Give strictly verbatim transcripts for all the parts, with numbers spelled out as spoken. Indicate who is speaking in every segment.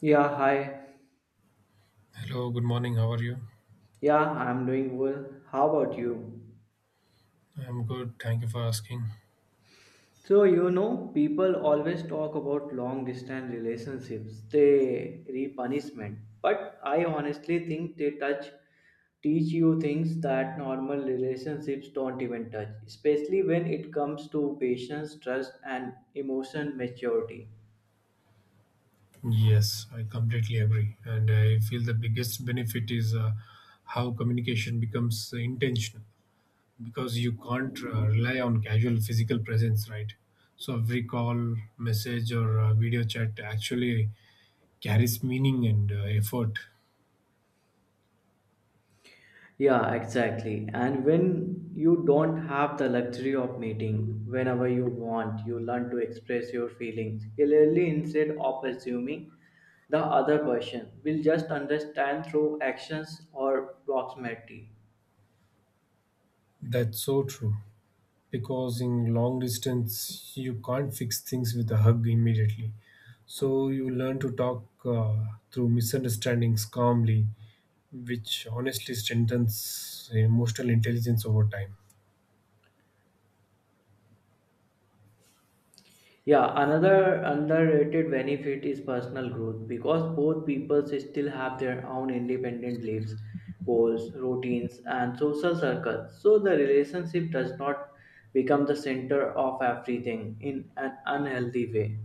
Speaker 1: Yeah, hi.
Speaker 2: Hello, good morning. How are you?
Speaker 1: Yeah, I'm doing well. How about you?
Speaker 2: I'm good. Thank you for asking.
Speaker 1: So, you know, people always talk about long distance relationships, they re-punishment. But I honestly think they touch teach you things that normal relationships don't even touch, especially when it comes to patience, trust, and emotion maturity.
Speaker 2: Yes, I completely agree. And I feel the biggest benefit is uh, how communication becomes intentional because you can't uh, rely on casual physical presence, right? So every call, message, or uh, video chat actually carries meaning and uh, effort.
Speaker 1: Yeah, exactly. And when you don't have the luxury of meeting whenever you want, you learn to express your feelings clearly instead of assuming the other person will just understand through actions or proximity.
Speaker 2: That's so true. Because in long distance you can't fix things with a hug immediately, so you learn to talk uh, through misunderstandings calmly, which honestly strengthens emotional intelligence over time.
Speaker 1: Yeah, another underrated benefit is personal growth because both people still have their own independent lives, goals, routines, and social circles. So the relationship does not become the center of everything in an unhealthy way.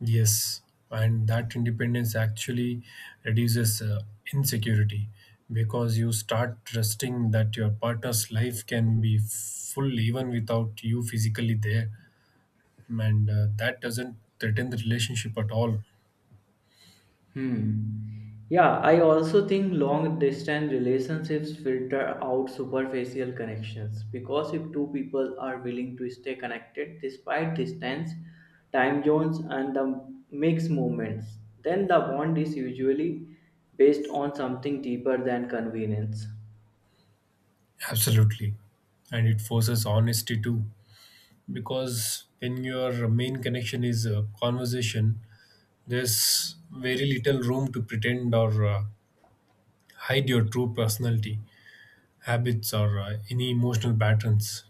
Speaker 2: Yes, and that independence actually reduces uh, insecurity because you start trusting that your partner's life can be full even without you physically there, and uh, that doesn't threaten the relationship at all.
Speaker 1: Hmm. Yeah, I also think long distance relationships filter out superficial connections because if two people are willing to stay connected despite distance, time zones, and the mixed moments, then the bond is usually based on something deeper than convenience.
Speaker 2: Absolutely. And it forces honesty too. Because when your main connection is a conversation, there's very little room to pretend or uh, hide your true personality, habits, or uh, any emotional patterns.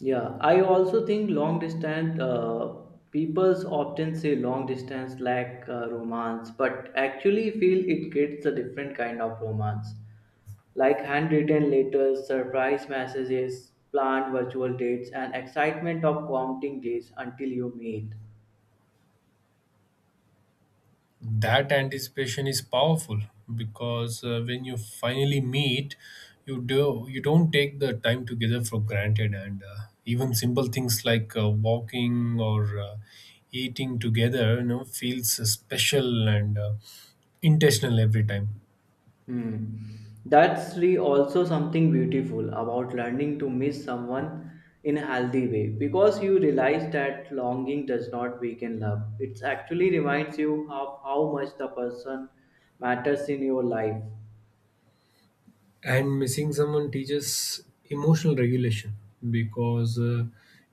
Speaker 1: Yeah, I also think long distance uh, peoples often say long distance lack uh, romance, but actually feel it creates a different kind of romance like handwritten letters, surprise messages, planned virtual dates, and excitement of counting days until you meet.
Speaker 2: That anticipation is powerful because uh, when you finally meet you do you don't take the time together for granted, and uh, even simple things like uh, walking or uh, eating together, you know, feels uh, special and uh, intentional every time.
Speaker 1: Hmm. That's really also something beautiful about learning to miss someone in a healthy way because you realize that longing does not weaken love. It actually reminds you of how much the person matters in your life.
Speaker 2: And missing someone teaches emotional regulation because uh,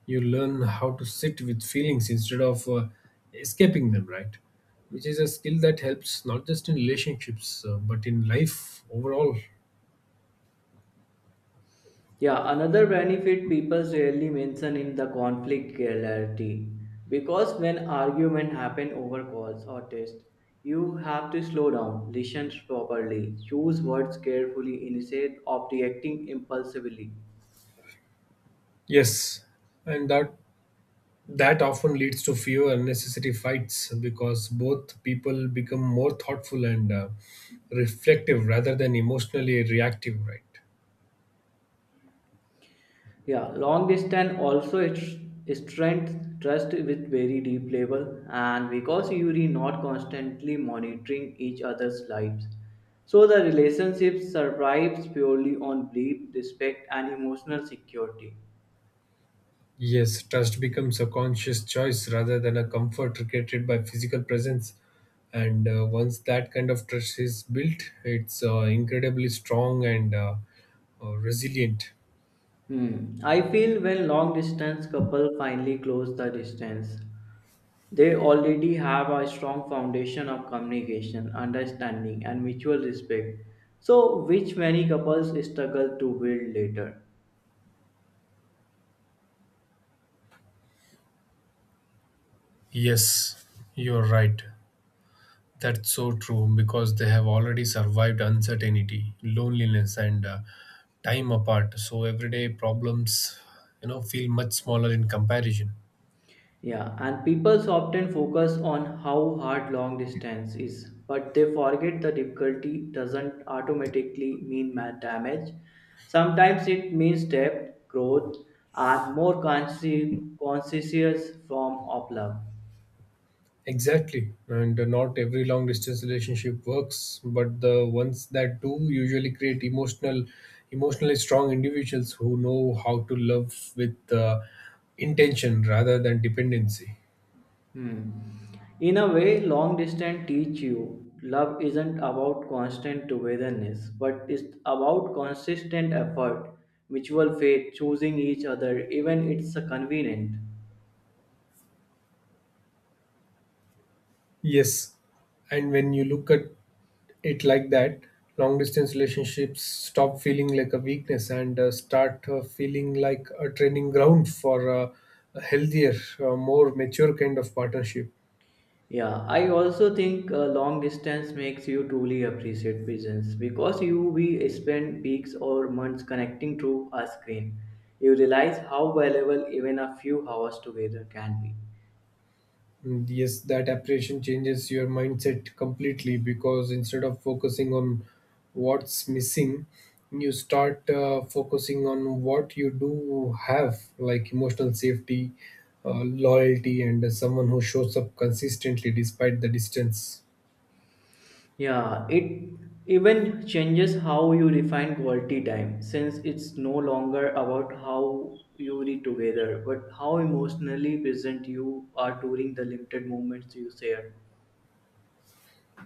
Speaker 2: you learn how to sit with feelings instead of uh, escaping them, right? Which is a skill that helps not just in relationships uh, but in life overall.
Speaker 1: Yeah, another benefit people rarely mention in the conflict clarity because when argument happen over calls or text, you have to slow down, listen properly, choose words carefully instead of reacting impulsively.
Speaker 2: Yes, and that that often leads to fewer unnecessary fights because both people become more thoughtful and uh, reflective rather than emotionally reactive, right?
Speaker 1: Yeah, long distance also it's strength trust with very deep level and because you're not constantly monitoring each other's lives. So the relationship survives purely on belief, respect and emotional security.
Speaker 2: Yes, trust becomes a conscious choice rather than a comfort created by physical presence. And uh, once that kind of trust is built, it's uh, incredibly strong and uh, uh, resilient.
Speaker 1: Hmm. I feel when long distance couple finally close the distance, they already have a strong foundation of communication, understanding, and mutual respect, so which many couples struggle to build later.
Speaker 2: Yes, you're right. That's so true because they have already survived uncertainty, loneliness, and uh, time apart. So everyday problems, you know, feel much smaller in comparison.
Speaker 1: Yeah, and people often focus on how hard long distance is, but they forget the difficulty doesn't automatically mean ma- damage. Sometimes it means depth, growth, and more consci- conscious form of love.
Speaker 2: Exactly. And uh, not every long distance relationship works, but the ones that do usually create emotional emotionally strong individuals who know how to love with uh, intention rather than dependency.
Speaker 1: Hmm. In a way, long distance teach you love isn't about constant togetherness, but it's about consistent effort, mutual faith, choosing each other, even it's a convenient.
Speaker 2: Yes. And when you look at it like that, long distance relationships stop feeling like a weakness and uh, start uh, feeling like a training ground for uh, a healthier, uh, more mature kind of partnership.
Speaker 1: Yeah, I also think uh, long distance makes you truly appreciate business because you we spend weeks or months connecting through a screen. You realize how valuable even a few hours together can be.
Speaker 2: Mm, yes, that apprehension changes your mindset completely because instead of focusing on what's missing, you start uh, focusing on what you do have, like emotional safety, uh, loyalty, and someone who shows up consistently despite the distance.
Speaker 1: Yeah, it even changes how you define quality time since it's no longer about how you read together but how emotionally present you are during the limited moments you share.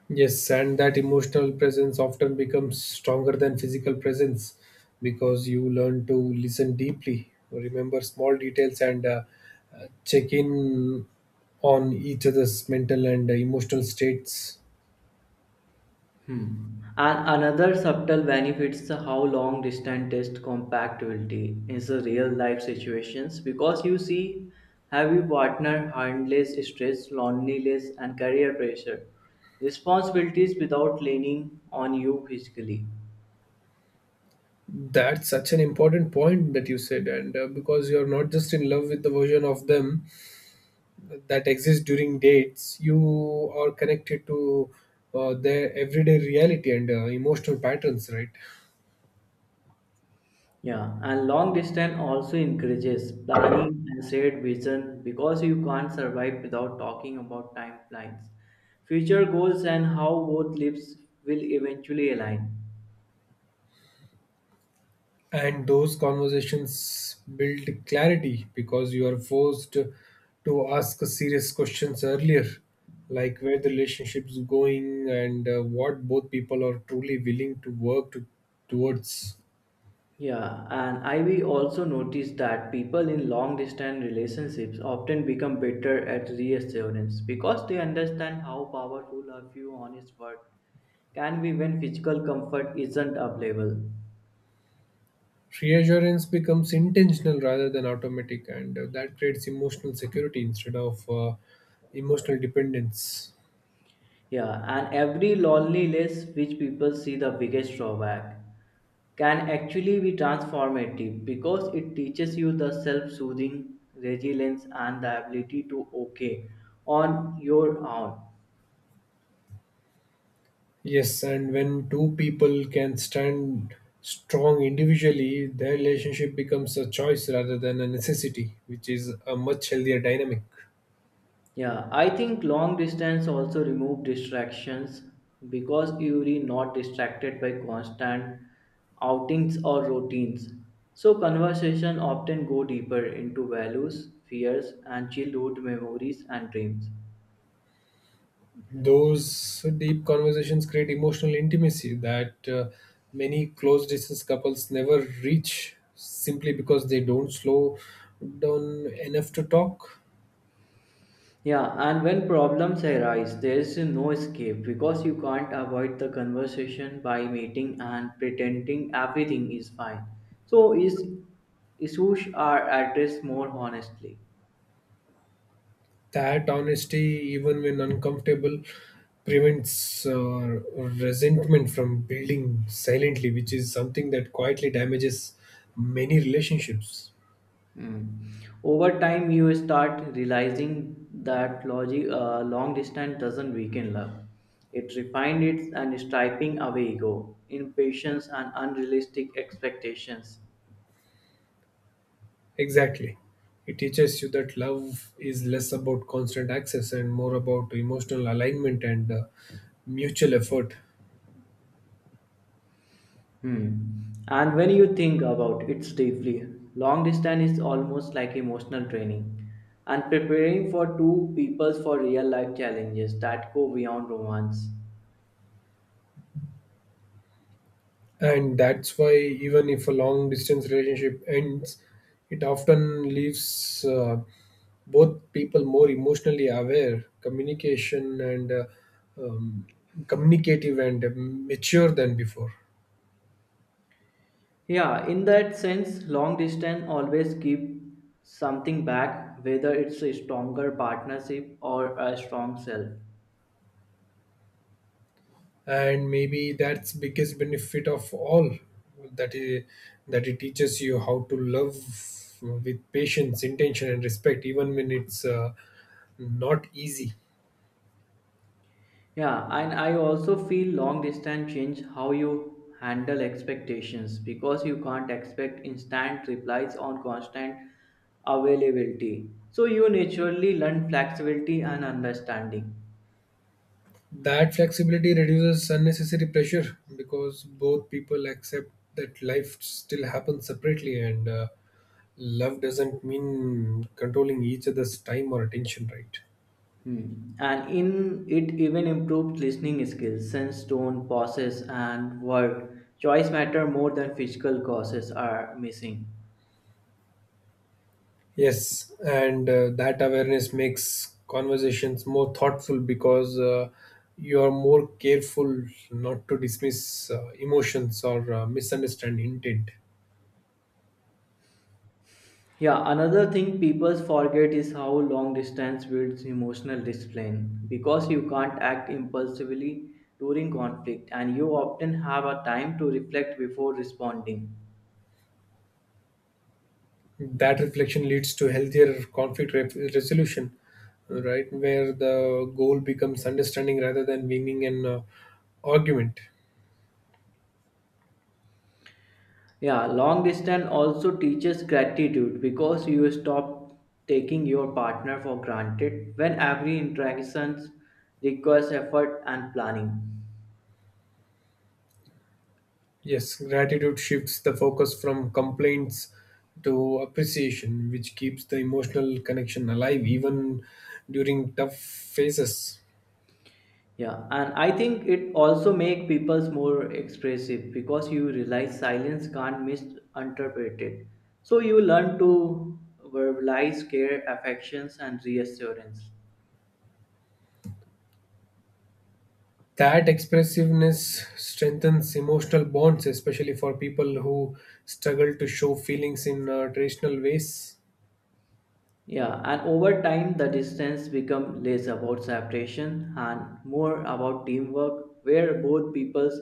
Speaker 2: Yes, and that emotional presence often becomes stronger than physical presence because you learn to listen deeply, remember small details, and uh, uh, check in on each other's mental and uh, emotional states.
Speaker 1: Hmm. And another subtle benefit is how long distance test compatibility in the real life situations because you see heavy partner handles stress, loneliness and career pressure. Responsibilities without leaning on you physically.
Speaker 2: That's such an important point that you said, and uh, because you're not just in love with the version of them that exists during dates, you are connected to uh, their everyday reality and uh, emotional patterns, right?
Speaker 1: Yeah, and long distance also encourages planning and shared vision because you can't survive without talking about timelines, future goals and how both lives will eventually align.
Speaker 2: And those conversations build clarity because you are forced to ask serious questions earlier, like where the relationship's going and uh, what both people are truly willing to work to, towards.
Speaker 1: Yeah, and I we also noticed that people in long distance relationships often become better at reassurance because they understand how powerful a few honest words can be when physical comfort isn't available.
Speaker 2: Reassurance becomes intentional rather than automatic, and uh, that creates emotional security instead of uh, emotional dependence.
Speaker 1: Yeah, and every loneliness which people see the biggest drawback can actually be transformative because it teaches you the self-soothing resilience and the ability to okay on your own.
Speaker 2: Yes, and when two people can stand strong individually, their relationship becomes a choice rather than a necessity, which is a much healthier dynamic.
Speaker 1: Yeah, I think long distance also remove distractions because you're not distracted by constant outings or routines. So conversation often go deeper into values, fears, and childhood memories and dreams.
Speaker 2: Those deep conversations create emotional intimacy that uh, many close distance couples never reach simply because they don't slow down enough to talk.
Speaker 1: Yeah, and when problems arise, there is no escape because you can't avoid the conversation by meeting and pretending everything is fine. So is issues are addressed more honestly.
Speaker 2: That honesty, even when uncomfortable, prevents uh, resentment from building silently, which is something that quietly damages many relationships.
Speaker 1: Mm. Over time, you start realizing that logic, uh, long distance doesn't weaken love. It refines it and striping away ego, impatience, and unrealistic expectations.
Speaker 2: Exactly. It teaches you that love is less about constant access and more about emotional alignment and uh, mutual effort.
Speaker 1: Hmm. And when you think about it deeply, long distance is almost like emotional training and preparing for two peoples for real life challenges that go beyond romance.
Speaker 2: And that's why, even if a long distance relationship ends, it often leaves uh, both people more emotionally aware, communication and uh, um, communicative and mature than before.
Speaker 1: Yeah, in that sense, long distance always keep something back, whether it's a stronger partnership or a strong self.
Speaker 2: And maybe that's biggest benefit of all, that it, that it teaches you how to love with patience, intention, and respect, even when it's uh, not easy.
Speaker 1: Yeah, and I also feel long distance change how you handle expectations because you can't expect instant replies on constant availability. So you naturally learn flexibility and understanding.
Speaker 2: That flexibility reduces unnecessary pressure because both people accept that life still happens separately, and uh, love doesn't mean controlling each other's time or attention, right?
Speaker 1: Hmm. And in it even improved listening skills, sense, tone, pauses, and word choice matter more than physical causes are missing.
Speaker 2: Yes, and uh, that awareness makes conversations more thoughtful because uh, you are more careful not to dismiss uh, emotions or uh, misunderstand intent.
Speaker 1: Yeah, another thing people forget is how long distance builds emotional discipline because you can't act impulsively during conflict and you often have a time to reflect before responding.
Speaker 2: That reflection leads to healthier conflict re- resolution, right? Where the goal becomes understanding rather than winning an uh, argument.
Speaker 1: Yeah, long distance also teaches gratitude because you stop taking your partner for granted when every interaction requires effort and planning.
Speaker 2: Yes, gratitude shifts the focus from complaints to appreciation, which keeps the emotional connection alive even during tough phases.
Speaker 1: Yeah, and I think it also makes people more expressive because you realize silence can't misinterpret it. So you learn to verbalize care, affections, and reassurance.
Speaker 2: That expressiveness strengthens emotional bonds, especially for people who struggle to show feelings in uh, traditional ways.
Speaker 1: Yeah, and over time the distance become less about separation and more about teamwork where both peoples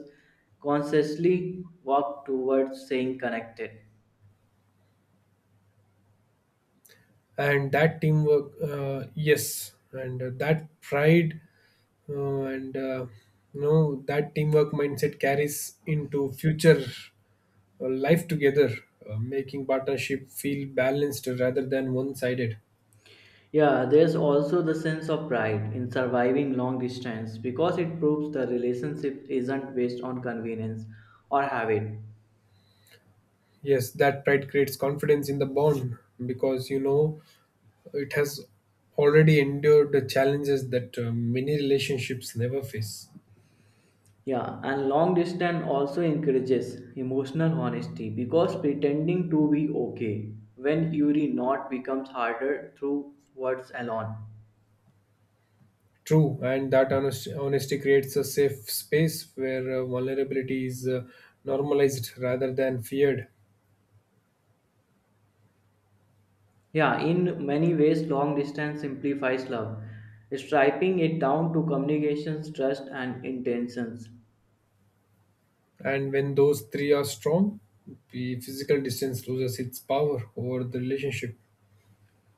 Speaker 1: consciously walk towards staying connected.
Speaker 2: And that teamwork uh, yes, and uh, that pride uh, and uh, you know, that teamwork mindset carries into future uh, life together, uh, making partnership feel balanced rather than one-sided.
Speaker 1: Yeah, there's also the sense of pride in surviving long distance because it proves the relationship isn't based on convenience or habit.
Speaker 2: Yes, that pride creates confidence in the bond because you know it has already endured the challenges that uh, many relationships never face.
Speaker 1: Yeah, and long distance also encourages emotional honesty because pretending to be okay when you're not becomes harder through words alone.
Speaker 2: True, and that honest, honesty creates a safe space where uh, vulnerability is uh, normalized rather than feared.
Speaker 1: Yeah, in many ways, long distance simplifies love, striping it down to communications, trust, and intentions.
Speaker 2: And when those three are strong, the physical distance loses its power over the relationship.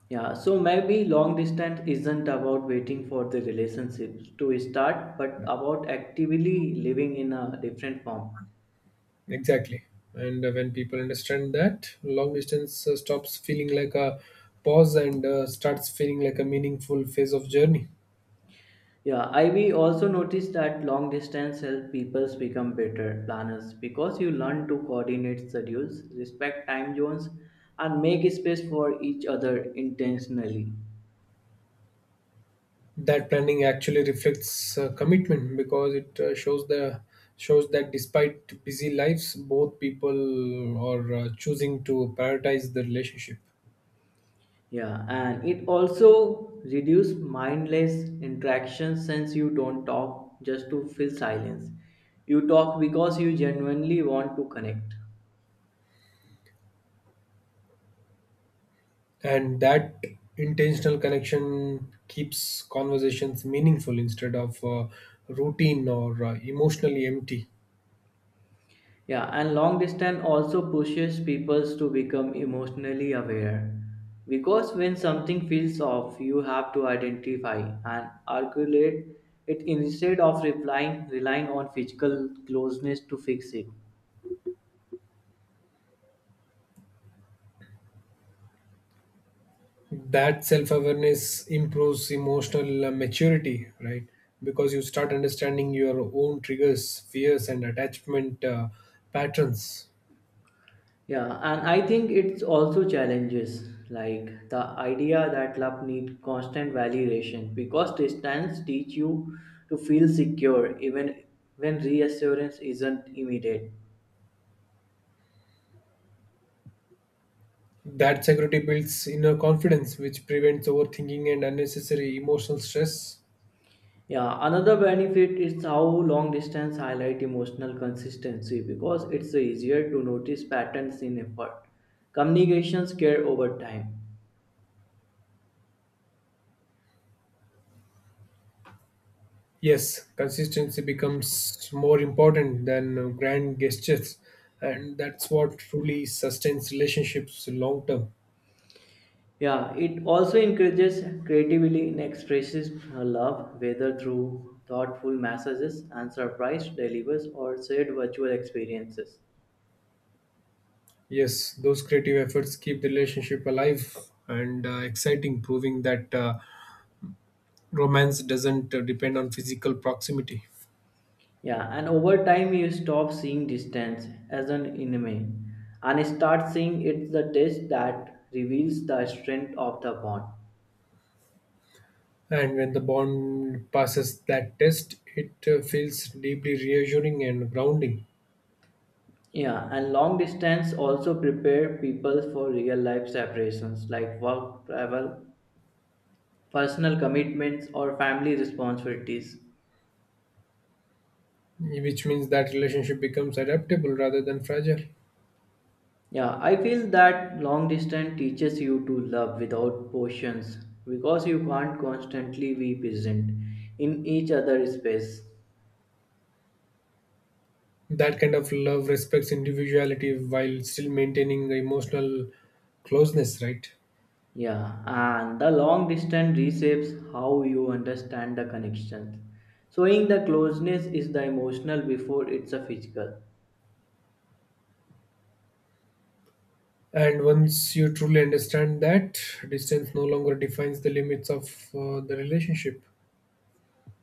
Speaker 1: Yeah, so maybe long distance isn't about waiting for the relationships to start, but about actively living in a different form.
Speaker 2: Exactly. And uh, when people understand that, long distance uh, stops feeling like a pause and uh, starts feeling like a meaningful phase of journey.
Speaker 1: Yeah, I we also noticed that long distance help people become better planners because you learn to coordinate schedules, respect time zones, and make space for each other intentionally.
Speaker 2: That planning actually reflects uh, commitment because it uh, shows the shows that despite busy lives, both people are uh, choosing to prioritize the relationship.
Speaker 1: Yeah, and it also reduce mindless interactions since you don't talk just to fill silence. You talk because you genuinely want to connect.
Speaker 2: And that intentional connection keeps conversations meaningful instead of uh, routine or uh, emotionally empty.
Speaker 1: Yeah, and long distance also pushes people to become emotionally aware. Because when something feels off, you have to identify and articulate it instead of replying, relying on physical closeness to fix it.
Speaker 2: That self-awareness improves emotional uh, maturity, right? Because you start understanding your own triggers, fears, and attachment uh, patterns.
Speaker 1: Yeah, and I think it's also challenges like the idea that love needs constant validation because distance teach you to feel secure even when reassurance isn't immediate.
Speaker 2: That security builds inner confidence, which prevents overthinking and unnecessary emotional stress.
Speaker 1: Yeah, another benefit is how long distance highlight emotional consistency because it's easier to notice patterns in effort. Communications care over time.
Speaker 2: Yes, consistency becomes more important than uh, grand gestures, and that's what truly sustains relationships long term.
Speaker 1: Yeah, it also encourages creativity in expresses uh, love, whether through thoughtful messages and surprise delivers or shared virtual experiences.
Speaker 2: Yes, those creative efforts keep the relationship alive and uh, exciting, proving that uh, romance doesn't uh, depend on physical proximity.
Speaker 1: Yeah, and over time you stop seeing distance as an enemy and start seeing it's the test that reveals the strength of the bond.
Speaker 2: And when the bond passes that test, it uh, feels deeply reassuring and grounding.
Speaker 1: Yeah, and long distance also prepare people for real life separations like work, travel, personal commitments, or family responsibilities.
Speaker 2: Which means that relationship becomes adaptable rather than fragile.
Speaker 1: Yeah, I feel that long distance teaches you to love without portions because you can't constantly be present in each other's space.
Speaker 2: That kind of love respects individuality while still maintaining the emotional closeness, right?
Speaker 1: Yeah, and the long distance reshapes how you understand the connections. Showing the closeness is the emotional before it's a physical.
Speaker 2: And once you truly understand that, distance no longer defines the limits of uh, the relationship.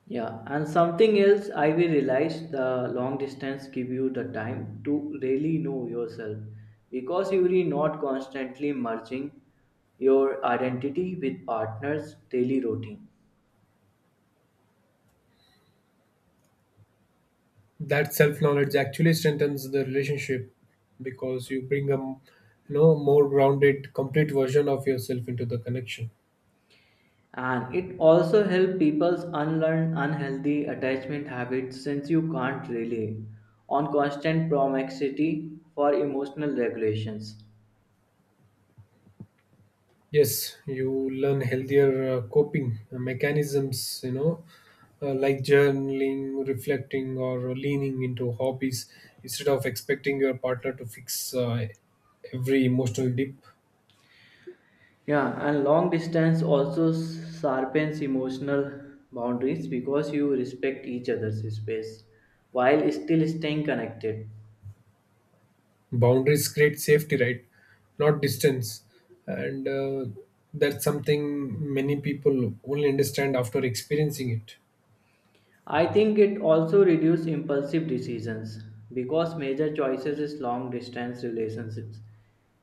Speaker 1: Yeah, and something else I will realize the long distance give you the time to really know yourself because you are not constantly merging your identity with partners daily routine.
Speaker 2: That self knowledge actually strengthens the relationship because you bring a m- you know, more grounded, complete version of yourself into the connection.
Speaker 1: And it also helps people's unlearn unhealthy attachment habits since you can't rely on constant promiscuity for emotional regulations.
Speaker 2: Yes, you learn healthier uh, coping uh, mechanisms, you know, uh, like journaling, reflecting, or leaning into hobbies instead of expecting your partner to fix uh, every emotional dip.
Speaker 1: Yeah, and long distance also sharpens emotional boundaries because you respect each other's space while still staying connected.
Speaker 2: Boundaries create safety, right? Not distance. And uh, that's something many people only understand after experiencing it.
Speaker 1: I think it also reduces impulsive decisions because major choices is long distance relationships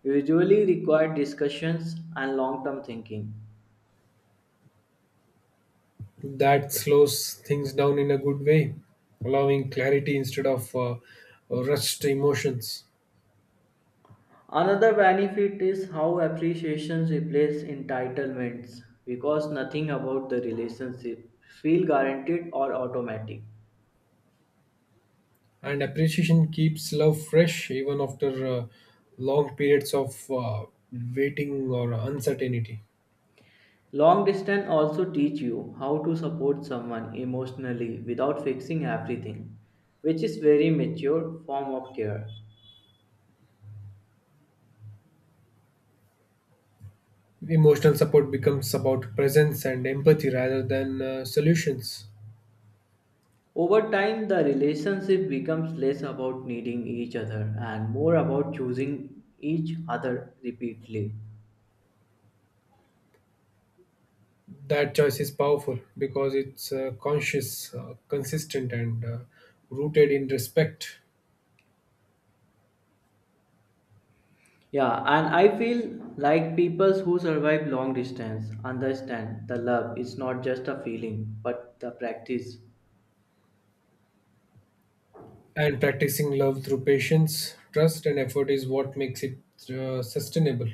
Speaker 1: usually require discussions and long term thinking.
Speaker 2: That slows things down in a good way, allowing clarity instead of uh, rushed emotions.
Speaker 1: Another benefit is how appreciations replace entitlements because nothing about the relationship feel guaranteed or automatic.
Speaker 2: And appreciation keeps love fresh even after uh, long periods of uh, waiting or uncertainty.
Speaker 1: Long distance also teach you how to support someone emotionally without fixing everything, which is very mature form of care.
Speaker 2: Emotional support becomes about presence and empathy rather than uh, solutions.
Speaker 1: Over time the relationship becomes less about needing each other and more about choosing each other repeatedly.
Speaker 2: That choice is powerful because it's uh, conscious, uh, consistent, and uh, rooted in respect.
Speaker 1: Yeah, and I feel like people who survive long distance understand the love is not just a feeling but the practice.
Speaker 2: And practicing love through patience, trust, and effort is what makes it uh, sustainable.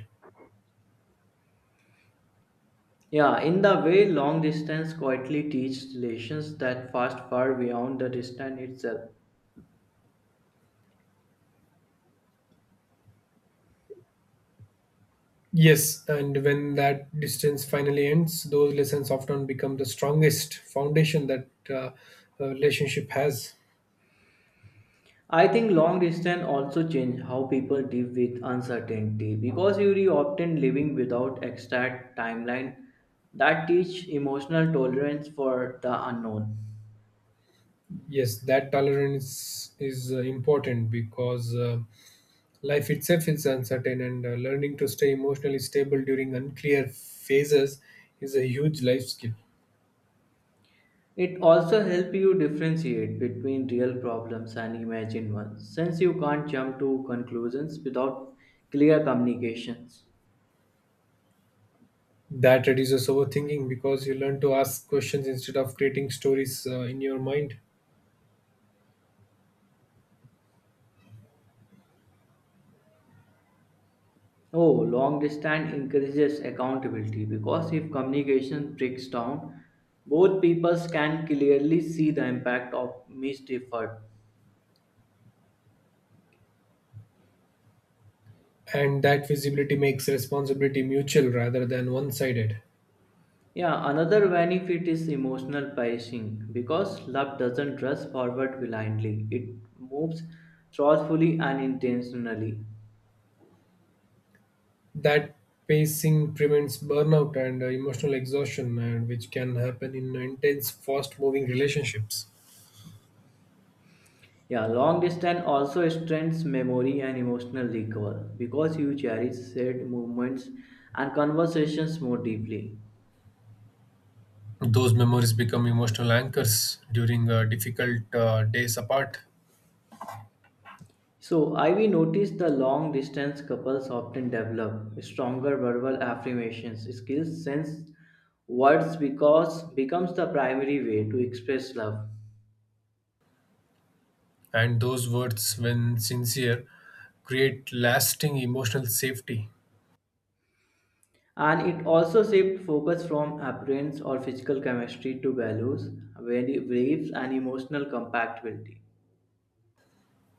Speaker 1: Yeah, in the way long distance quietly teaches relations that fast far beyond the distance itself.
Speaker 2: Yes, and when that distance finally ends, those lessons often become the strongest foundation that uh, a relationship has.
Speaker 1: I think long distance also change how people deal with uncertainty because you are often living without exact timeline that teach emotional tolerance for the unknown.
Speaker 2: Yes, that tolerance is uh, important because uh, life itself is uncertain, and uh, learning to stay emotionally stable during unclear phases is a huge life skill.
Speaker 1: It also helps you differentiate between real problems and imagined ones since you can't jump to conclusions without clear communications.
Speaker 2: That reduces overthinking because you learn to ask questions instead of creating stories uh, in your mind.
Speaker 1: Oh, long distance encourages accountability because if communication breaks down, both peoples can clearly see the impact of missed effort.
Speaker 2: And that visibility makes responsibility mutual rather than one sided.
Speaker 1: Yeah, another benefit is emotional pacing because love doesn't rush forward blindly, it moves thoughtfully and intentionally.
Speaker 2: That pacing prevents burnout and uh, emotional exhaustion, and which can happen in intense fast moving relationships.
Speaker 1: Yeah, long distance also strengthens memory and emotional recall because you cherish shared moments and conversations more deeply.
Speaker 2: Those memories become emotional anchors during uh, difficult uh, days apart.
Speaker 1: So, Ivy noticed the long distance couples often develop stronger verbal affirmations skills since words because becomes the primary way to express love.
Speaker 2: And those words, when sincere, create lasting emotional safety.
Speaker 1: And it also shifts focus from appearance or physical chemistry to values, value- beliefs, and emotional compatibility.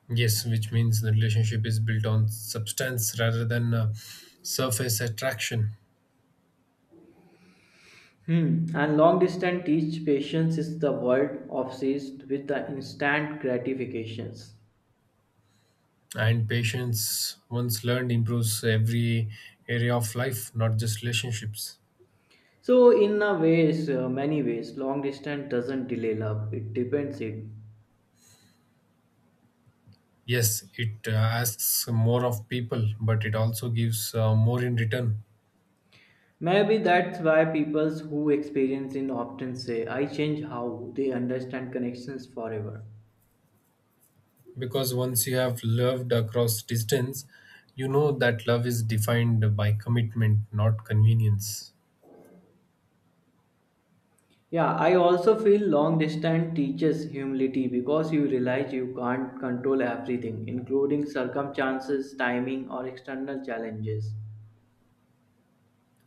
Speaker 2: Yes, which means the relationship is built on substance rather than uh, surface attraction.
Speaker 1: Hmm. And long distance teach patience is the world obsessed with the instant gratifications.
Speaker 2: And patience, once learned, improves every area of life, not just relationships.
Speaker 1: So in a ways, uh, many ways, long distance doesn't delay love. It depends it.
Speaker 2: Yes, it uh, asks more of people, but it also gives uh, more in return.
Speaker 1: Maybe that's why people who experience it often say, "I change how they understand connections forever."
Speaker 2: Because once you have loved across distance, you know that love is defined by commitment, not convenience.
Speaker 1: Yeah, I also feel long distance teaches humility because you realize you can't control everything, including circumstances, timing, or external challenges.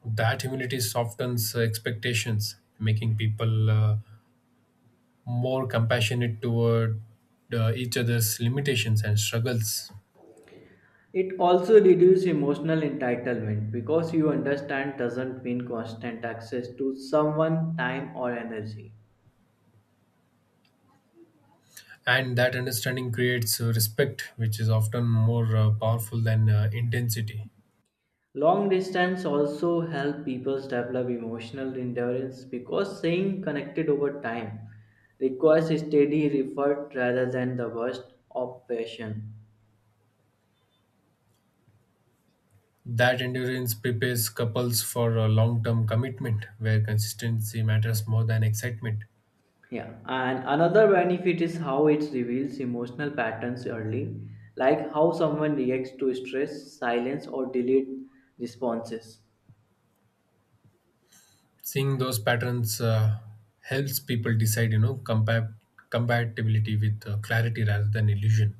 Speaker 2: That humility softens uh, expectations, making people uh, more compassionate toward uh, each other's limitations and struggles.
Speaker 1: It also reduces emotional entitlement because you understand doesn't mean constant access to someone, time, or energy.
Speaker 2: And that understanding creates uh, respect, which is often more uh, powerful than uh, intensity.
Speaker 1: Long distance also help people develop emotional endurance because staying connected over time requires steady effort rather than the burst of passion.
Speaker 2: That endurance prepares couples for a long term commitment where consistency matters more than excitement.
Speaker 1: Yeah, and another benefit is how it reveals emotional patterns early, like how someone reacts to stress, silence, or delayed responses.
Speaker 2: Seeing those patterns uh, helps people decide, you know, compa- compatibility with uh, clarity rather than illusion.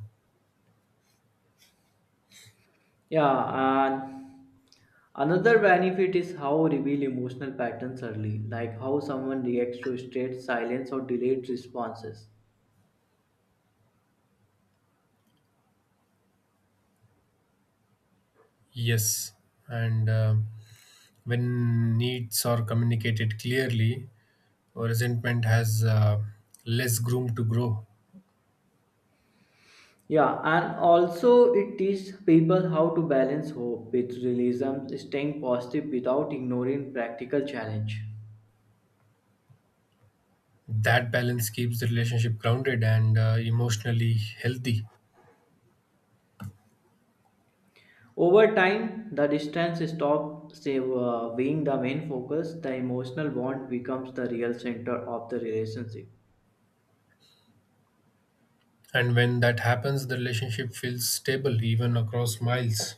Speaker 1: Yeah, and another benefit is how reveal emotional patterns early, like how someone reacts to state silence or delayed responses.
Speaker 2: Yes, and um when needs are communicated clearly, resentment has uh, less room to grow.
Speaker 1: Yeah, and also it teaches people how to balance hope with realism, staying positive without ignoring practical challenge.
Speaker 2: That balance keeps the relationship grounded and uh, emotionally healthy.
Speaker 1: Over time, the distance stops say, uh, being the main focus, the emotional bond becomes the real center of the relationship.
Speaker 2: And when that happens, the relationship feels stable even across miles.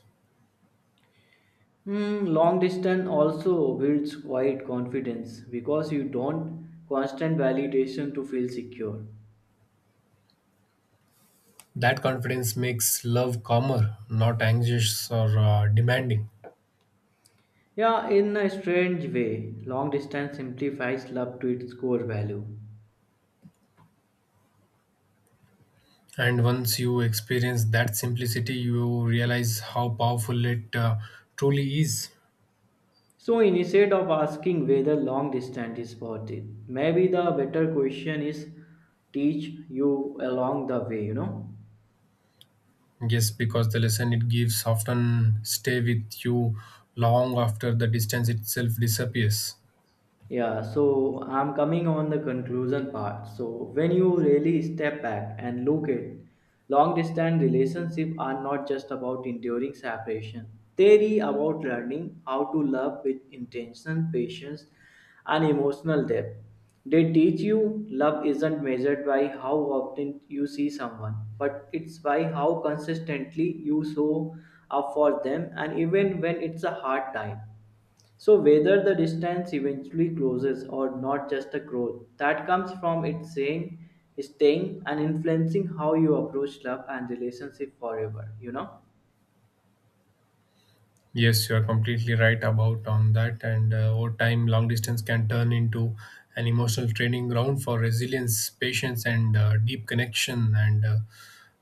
Speaker 1: Hmm, long distance also builds quiet confidence because you don't constant validation to feel secure.
Speaker 2: That confidence makes love calmer, not anxious or uh, demanding.
Speaker 1: Yeah, in a strange way, long distance simplifies love to its core value.
Speaker 2: And once you experience that simplicity, you realize how powerful it uh, truly is.
Speaker 1: So instead of asking whether long distance is worth it, maybe the better question is teach you along the way, you know.
Speaker 2: Yes, because the lesson it gives often stay with you long after the distance itself disappears.
Speaker 1: Yeah, so I'm coming on the conclusion part. So when you really step back and look at long distance relationships are not just about enduring separation. They are about learning how to love with intention, patience, and emotional depth. They teach you love isn't measured by how often you see someone, but it's by how consistently you show up for them and even when it's a hard time. So, whether the distance eventually closes or not, just a growth that comes from it saying, staying, and influencing how you approach love and relationship forever, you know?
Speaker 2: Yes, you are completely right about on that. And uh, over time, long distance can turn into an emotional training ground for resilience, patience, and uh, deep connection. And uh,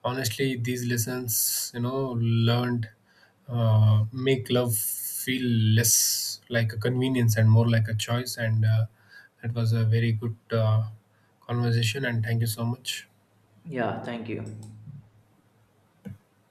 Speaker 2: honestly, these lessons, you know, learned uh, make love feel less like a convenience and more like a choice. And uh, that was a very good uh, conversation. And thank you so much.
Speaker 1: Yeah, thank you.